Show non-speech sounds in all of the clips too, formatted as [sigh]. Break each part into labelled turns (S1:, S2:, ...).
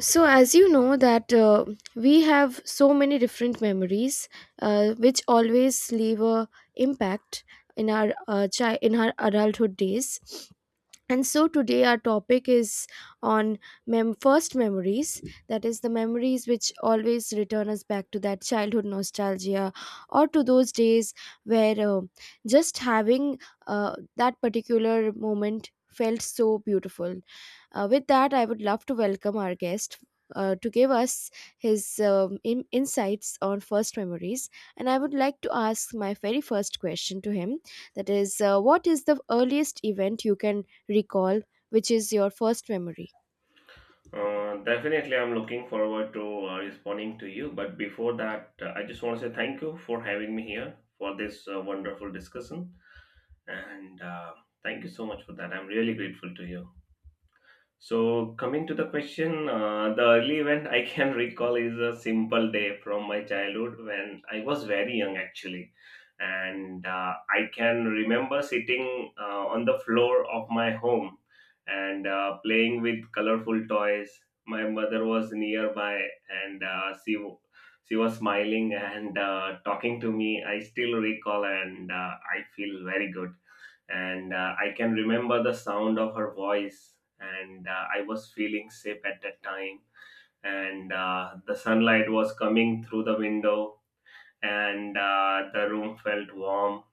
S1: So, as you know, that we have so many different memories, which always leave a impact in our in our adulthood days. And so today our topic is on first memories, that is the memories which always return us back to that childhood nostalgia or to those days where just having that particular moment felt so beautiful. With that, I would love to welcome our guest to give us his insights on first memories. And I would like to ask my very first question to him, that is, what is the earliest event you can recall, which is your first memory?
S2: Definitely, I'm looking forward to responding to you. But before that, I just want to say thank you for having me here for this wonderful discussion. And Thank you so much for that. I'm really grateful to you. So, coming to the question, the early event I can [laughs] recall is a simple day from my childhood when I was very young actually. And I can remember sitting on the floor of my home and playing with colorful toys. My mother was nearby and she was smiling and talking to me. I still recall and I feel very good and I can remember the sound of her voice, and I was feeling safe at that time. And The sunlight was coming through the window, and the room felt warm.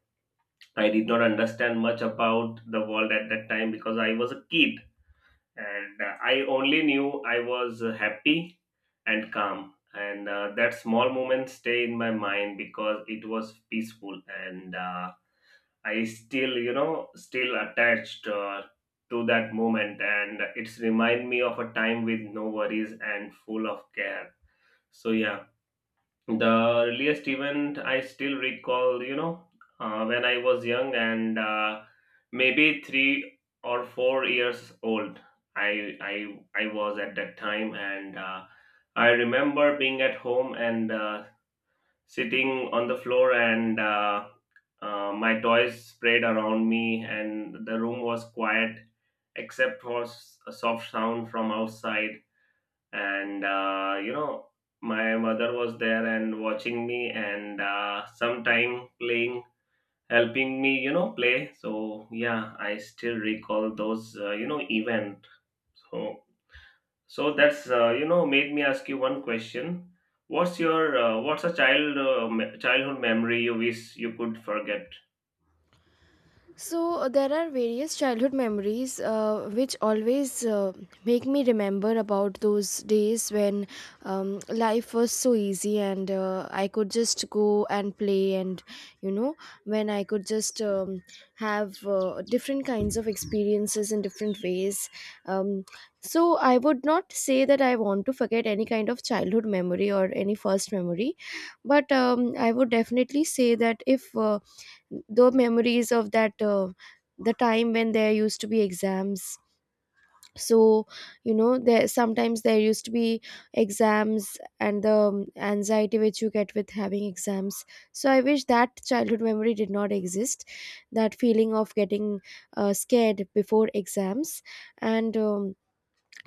S2: I did not understand much about the world at that time because I was a kid, and I only knew I was happy and calm. And That small moment stay in my mind because it was peaceful and I still, still attached to that moment, and it's remind me of a time with no worries and full of care. So yeah, the earliest event I still recall, when I was young and maybe 3 or 4 years old. I was at that time, and I remember being at home and sitting on the floor and my toys spread around me and the room was quiet except for a soft sound from outside and my mother was there and watching me and sometime playing, helping me play. So yeah, I still recall those event. So so that's made me ask you one question. What's a childhood memory you wish you could forget?
S1: So there are various childhood memories which always make me remember about those days when life was so easy and I could just go and play. And you know, when I could just have different kinds of experiences in different ways. Um, so I would not say that I want to forget any kind of childhood memory or any first memory, but I would definitely say that if the memories of that the time when there used to be exams. So you know, there sometimes there used to be exams and the anxiety which you get with having exams. So I wish that childhood memory did not exist, that feeling of getting scared before exams, and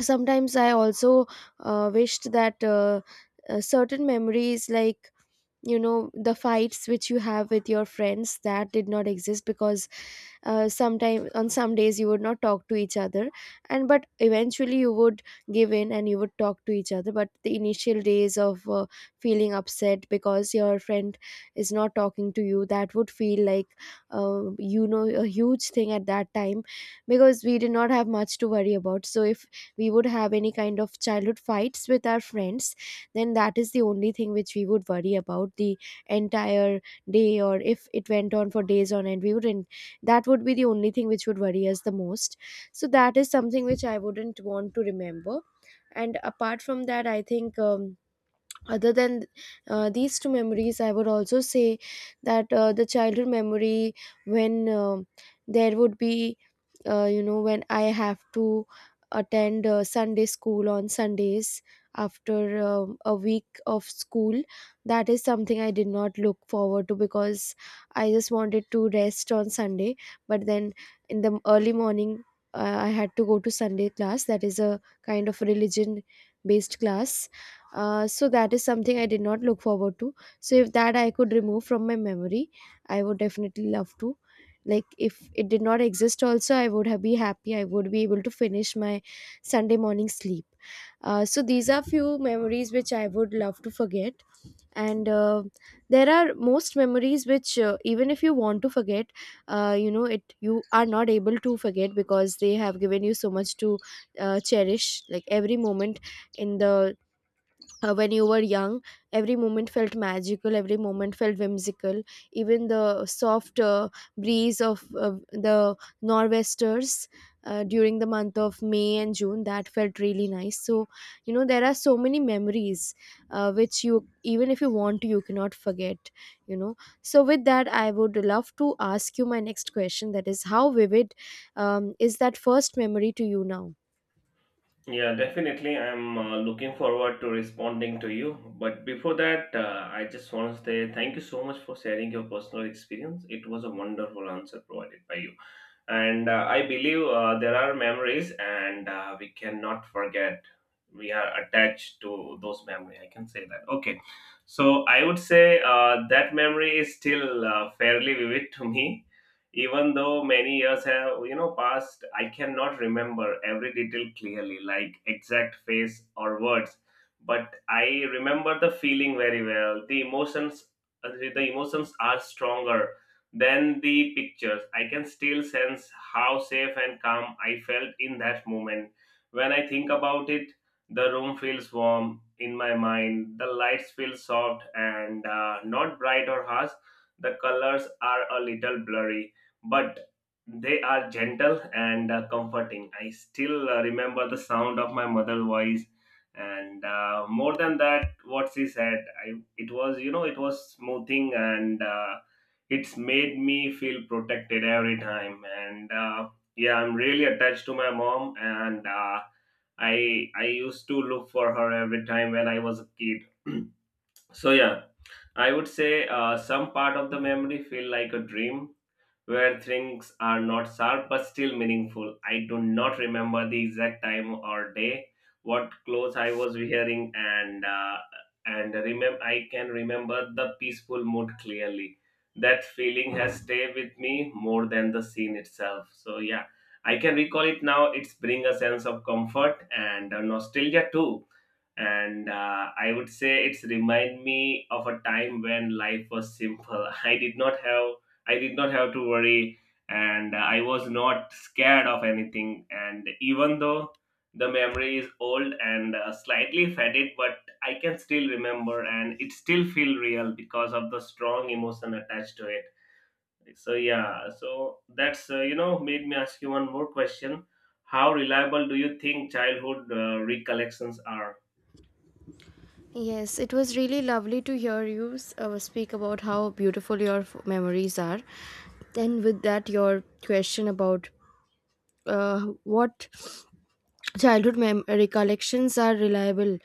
S1: sometimes I also wished that certain memories, like you know, the fights which you have with your friends, that did not exist, because sometime on some days you would not talk to each other, and but eventually you would give in and you would talk to each other. But the initial days of feeling upset because your friend is not talking to you, that would feel like, you know, a huge thing at that time, because we did not have much to worry about. So if we would have any kind of childhood fights with our friends, then that is the only thing which we would worry about the entire day. Or if it went on for days on end, we wouldn't, that would be the only thing which would worry us the most. So that is something which I wouldn't want to remember. And apart from that, I think, other than these two memories, I would also say that the childhood memory when there would be, you know, when I have to attend Sunday school on Sundays after a week of school, that is something I did not look forward to, because I just wanted to rest on Sunday. But then in the early morning, I had to go to Sunday class, that is a kind of religion based class. So that is something I did not look forward to. So if that I could remove from my memory, I would definitely love to. Like if it did not exist, also I would have be happy. I would be able to finish my Sunday morning sleep. So these are few memories which I would love to forget, and there are most memories which, even if you want to forget, you know it, you are not able to forget because they have given you so much to cherish. Like every moment in the when you were young, every moment felt magical, every moment felt whimsical. Even the soft breeze of the nor'westers during the month of May and June, that felt really nice. So you know, there are so many memories which you, even if you want to, you cannot forget, you know. So with that, I would love to ask you my next question, that is, how vivid is that first memory to you now?
S2: Yeah, definitely. I'm looking forward to responding to you. But before that, I just want to say thank you so much for sharing your personal experience. It was a wonderful answer provided by you. And I believe there are memories and we cannot forget. We are attached to those memory, I can say that. Okay, so I would say that memory is still fairly vivid to me. Even though many years have passed, I cannot remember every detail clearly, like exact face or words, but I remember the feeling very well. The emotions, uh, the emotions are stronger than the pictures. I can still sense how safe and calm I felt in that moment. When I think about it, the room feels warm in my mind. The lights feel soft and not bright or harsh. The colors are a little blurry, but they are gentle and comforting. I still remember the sound of my mother's voice. And More than that, what she said, it was, it was smoothing and it's made me feel protected every time. And Yeah, I'm really attached to my mom, and i I used to look for her every time when I was a kid. [clears throat] So yeah, I would say some part of the memory feel like a dream where things are not sharp but still meaningful. I do not remember the exact time or day, what clothes I was wearing, and remember I can remember the peaceful mood clearly. That feeling has stayed with me more than the scene itself. So yeah, I can recall it now. It's bring a sense of comfort and nostalgia too, and I would say it's remind me of a time when life was simple. [laughs] I did not have to worry, and I was not scared of anything. And even though the memory is old and slightly faded, but I can still remember, and it still feel real because of the strong emotion attached to it. So yeah, so that's made me ask you one more question. How reliable do you think childhood recollections are?
S1: Yes, it was really lovely to hear you speak about how beautiful your memories are. Then, with that, your question about what childhood recollections are reliable.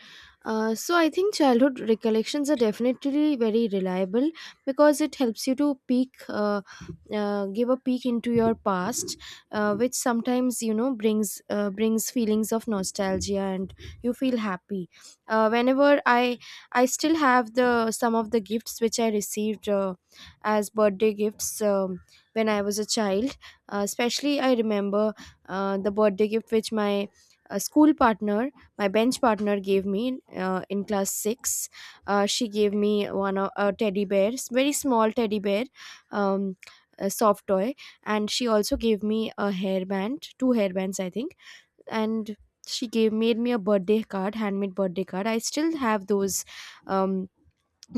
S1: So I think childhood recollections are definitely very reliable, because it helps you to peek give a peek into your past, which sometimes, you know, brings brings feelings of nostalgia and you feel happy. Whenever I still have the some of the gifts which I received as birthday gifts, when I was a child, especially I remember the birthday gift which my a school partner, my bench partner, gave me in class six. She gave me one of a teddy bear, very small teddy bear, um, a soft toy, and she also gave me a hairband, two hairbands, I think, and she gave made me a birthday card, handmade birthday card. I still have those um,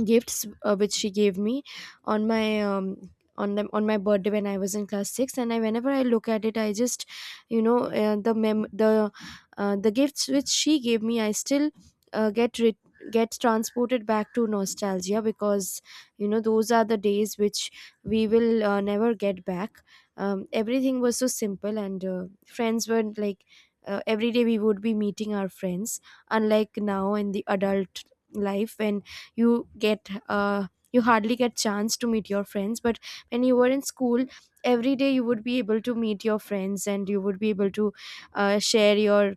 S1: gifts which she gave me on my on them on my birthday when I was in class six, and I whenever I look at it, I just, you know, the mem the gifts which she gave me, I still uh, get re- get transported back to nostalgia, because you know, those are the days which we will never get back. Everything was so simple, and friends were like. Every day we would be meeting our friends, unlike now in the adult life when you hardly get chance to meet your friends. But when you were in school, every day you would be able to meet your friends and you would be able to share your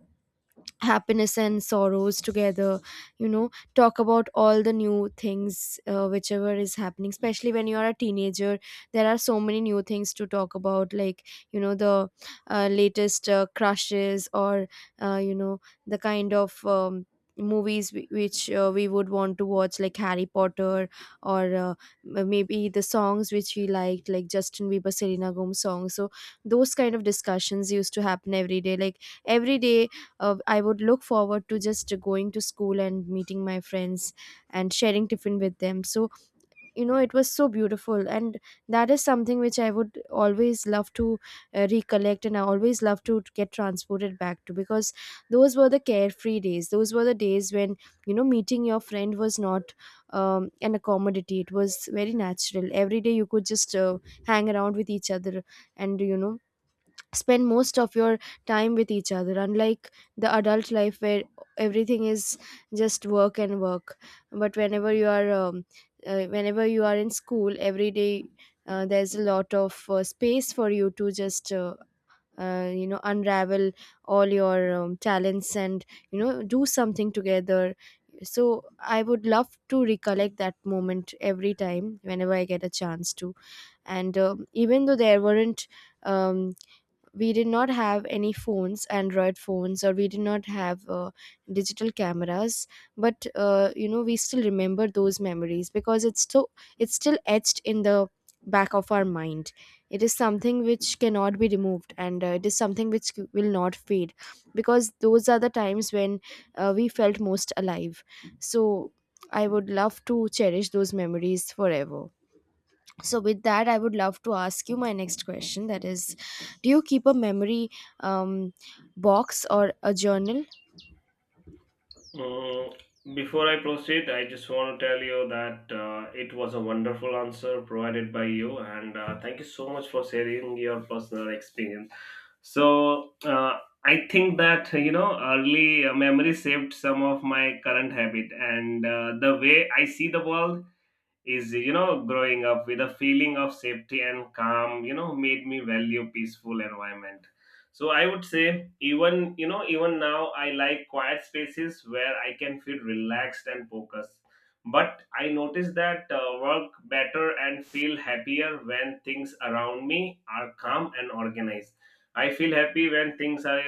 S1: happiness and sorrows together, you know, talk about all the new things whichever is happening, especially when you are a teenager. There are so many new things to talk about, like you know, the latest crushes, or, you know, the kind of movies which we would want to watch, like Harry Potter or, maybe the songs which we liked, like Justin Bieber, Selena Gomez songs. So those kind of discussions used to happen every day. Like every day, I would look forward to just going to school and meeting my friends and sharing tiffin with them. So, you know, it was so beautiful. And that is something which I would always love to recollect and I always love to get transported back to, because those were the carefree days. Those were the days when, you know, meeting your friend was not an accommodity, it was very natural. Every day you could just hang around with each other and, you know, spend most of your time with each other, unlike the adult life where everything is just work and work. But whenever you are in school, every day, there's a lot of space for you to just, you know, unravel all your talents and, you know, do something together. So I would love to recollect that moment every time whenever I get a chance to. And even though there weren't um, we did not have any phones, android phones, or we did not have digital cameras, but, you know, we still remember those memories, because it's still etched in the back of our mind. It is something which cannot be removed, and it is something which will not fade, because those are the times when, we felt most alive. So I would love to cherish those memories forever. So, with that, I would love to ask you my next question. That is, do you keep a memory um, box or a journal?
S2: Mm, before I proceed, I just want to tell you that it was a wonderful answer provided by you, and thank you so much for sharing your personal experience. So, I think that, you know, early memory saved some of my current habit and the way I see the world is, you know, growing up with a feeling of safety and calm, you know, made me value peaceful environment. So I would say, even, you know, even now I like quiet spaces where I can feel relaxed and focused, but I notice that work better and feel happier when things around me are calm and organized. I feel happy when things are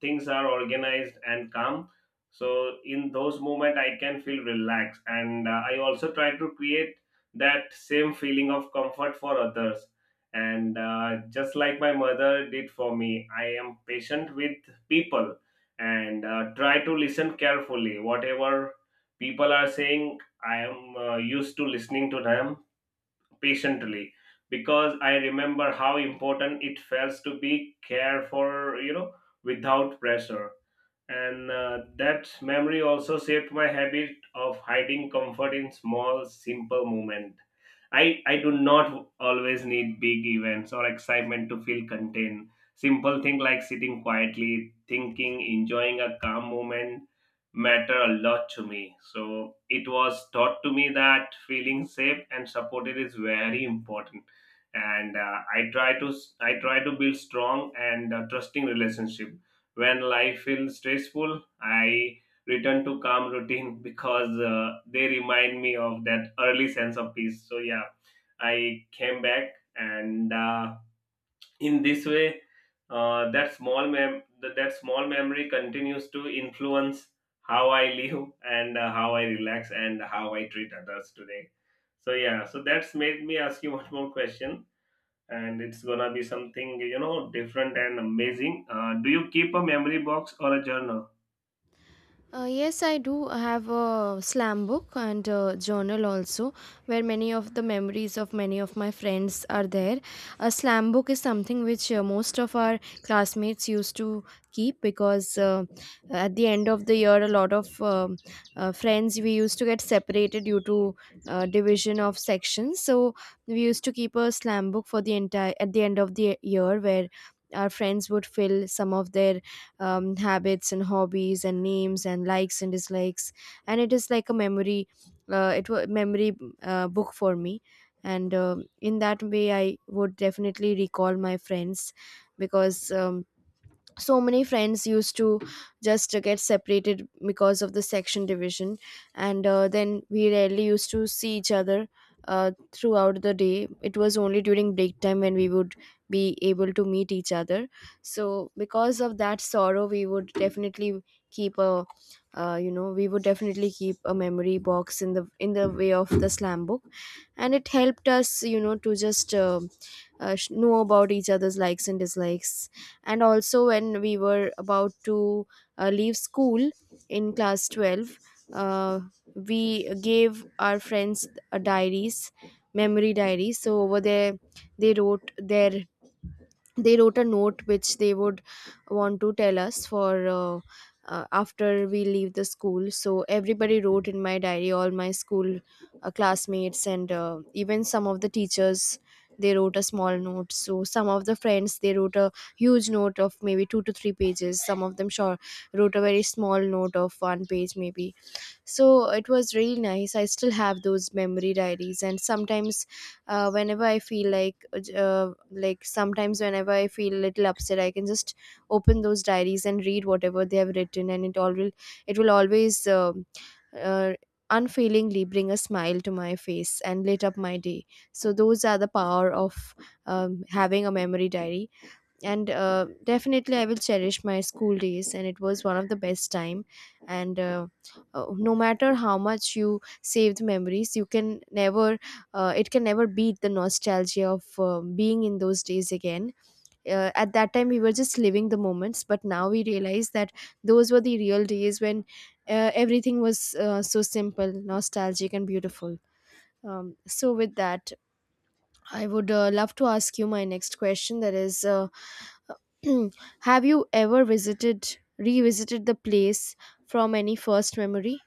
S2: things are organized and calm. So in those moments I can feel relaxed, and I also try to create that same feeling of comfort for others. And just like my mother did for me, I am patient with people, and try to listen carefully. Whatever people are saying, I am used to listening to them patiently because I remember how important it felt to be cared for, you know, without pressure, and that memory also shaped my habit of hiding comfort in small simple moments. I do not always need big events or excitement to feel contained. Simple things like sitting quietly, thinking, enjoying a calm moment matter a lot to me. So it was taught to me that feeling safe and supported is very important, and I try to build strong and trusting relationship. When life feels stressful, I return to calm routine [laughs] because they remind me of that early sense of peace. So yeah, I came back, and in this way, that small memory continues to influence how I live and how I relax and how I treat others today. So yeah, so that's made me ask you [laughs] one more question, and it's gonna be something, you know, different and amazing. Do you keep a memory box or a journal?
S1: Yes, I do have a slam book and a journal also, where many of the memories of many of my friends are there. A slam book is something which most of our classmates used to keep because, at the end of the year, a lot of friends we used to get separated due to division of sections. So we used to keep a slam book for the entire at the end of the year, where our friends would fill some of their habits and hobbies and names and likes and dislikes, and it is like a memory, it was memory book for me. And in that way I would definitely recall my friends, because, so many friends used to just get separated because of the section division, and, then we rarely used to see each other throughout the day. It was only during break time when we would be able to meet each other. So because of that sorrow, we would definitely keep a you know we would definitely keep a memory box in the way of the slam book. And it helped us, you know, to just know about each other's likes and dislikes. And also when we were about to leave school in class 12. uh, we gave our friends diaries, memory diaries, so over there they wrote a note which they would want to tell us for, after we leave the school. So everybody wrote in my diary, all my school classmates and even some of the teachers, they wrote a small note. So some of the friends, they wrote a huge note of maybe 2 to 3 pages, some of them sure wrote a very small note of one page maybe. So it was really nice. I still have those memory diaries, and sometimes, whenever I feel like sometimes whenever I feel a little upset, I can just open those diaries and read whatever they have written, and it will always uh, unfailingly bring a smile to my face and lit up my day. So those are the power of having a memory diary. And definitely I will cherish my school days and it was one of the best time. And no matter how much you save the memories, you can never it can never beat the nostalgia of being in those days again. At that time we were just living the moments, but now we realize that those were the real days when, everything was, so simple, nostalgic and beautiful. So with that, I would love to ask you my next question, that is, [clears throat] Have you ever visited revisited the place from any first memory?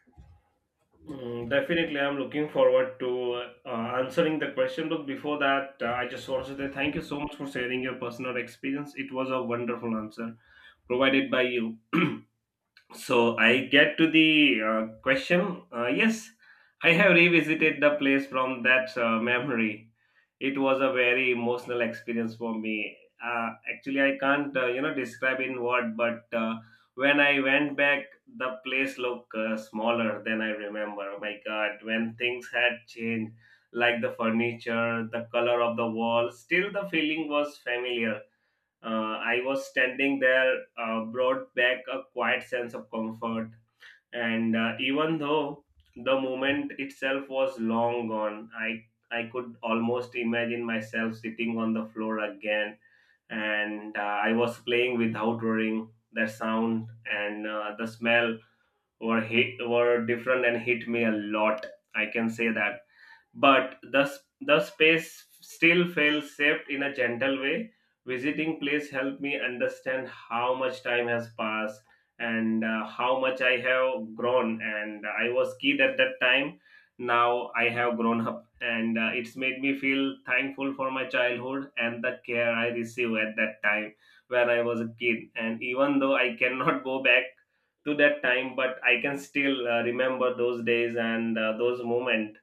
S2: Mm, definitely, I'm looking forward to answering the question. Look, before that, I just want to say thank you so much for sharing your personal experience. It was a wonderful answer provided by you. [clears throat] So I get to the question. Yes, I have revisited the place from that memory. It was a very emotional experience for me. Actually, I can't describe in word, but when I went back, the place looked smaller than I remember. Oh my God, when things had changed, like the furniture, the color of the wall, still the feeling was familiar. I was standing there, brought back a quiet sense of comfort. And even though the moment itself was long gone, I could almost imagine myself sitting on the floor again, and I was playing without worrying. That sound and the smell were different and hit me a lot. I can say that, but the space still feels shaped in a gentle way. Visiting place helped me understand how much time has passed and how much I have grown. And I was kid at that time. Now I have grown up, and it's made me feel thankful for my childhood and the care I received at that time when I was a kid. And even though I cannot [laughs] go back to that time, but I can still remember those days and those moments.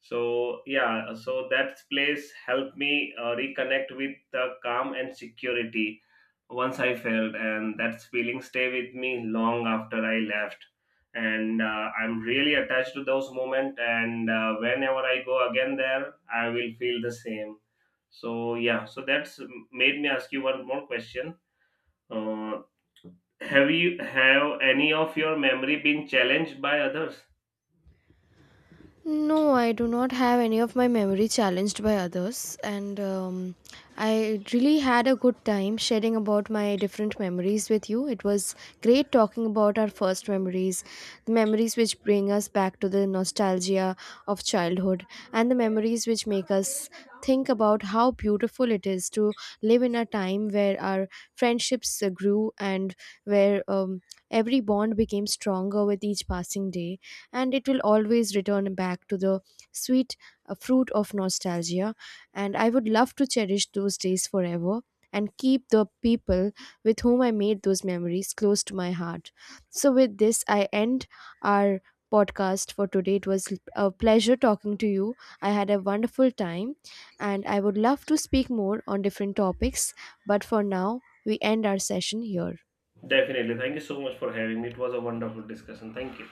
S2: So yeah, so that place helped me reconnect with the calm and security once I felt, and that feeling stay with me long after I left. And I'm really attached to those moments, and whenever I go again there, I will feel the same. So yeah, so that's made me ask you one more question. Uh, have you have any of your memory been challenged by others?
S1: No, I do not have any of my memory challenged by others, and, I really had a good time sharing about my different memories with you. It was great talking about our first memories, the memories which bring us back to the nostalgia of childhood, and the memories which make us think about how beautiful it is to live in a time where our friendships grew and where, every bond became stronger with each passing day, and it will always return back to the sweet, fruit of nostalgia. And I would love to cherish those days forever and keep the people with whom I made those memories close to my heart. So, with this, I end our podcast for today. It was a pleasure talking to you. I had a wonderful time and I would love to speak more on different topics, but for now, we end our session here.
S2: Definitely. Thank you so much for having me. It was a wonderful discussion. Thank you.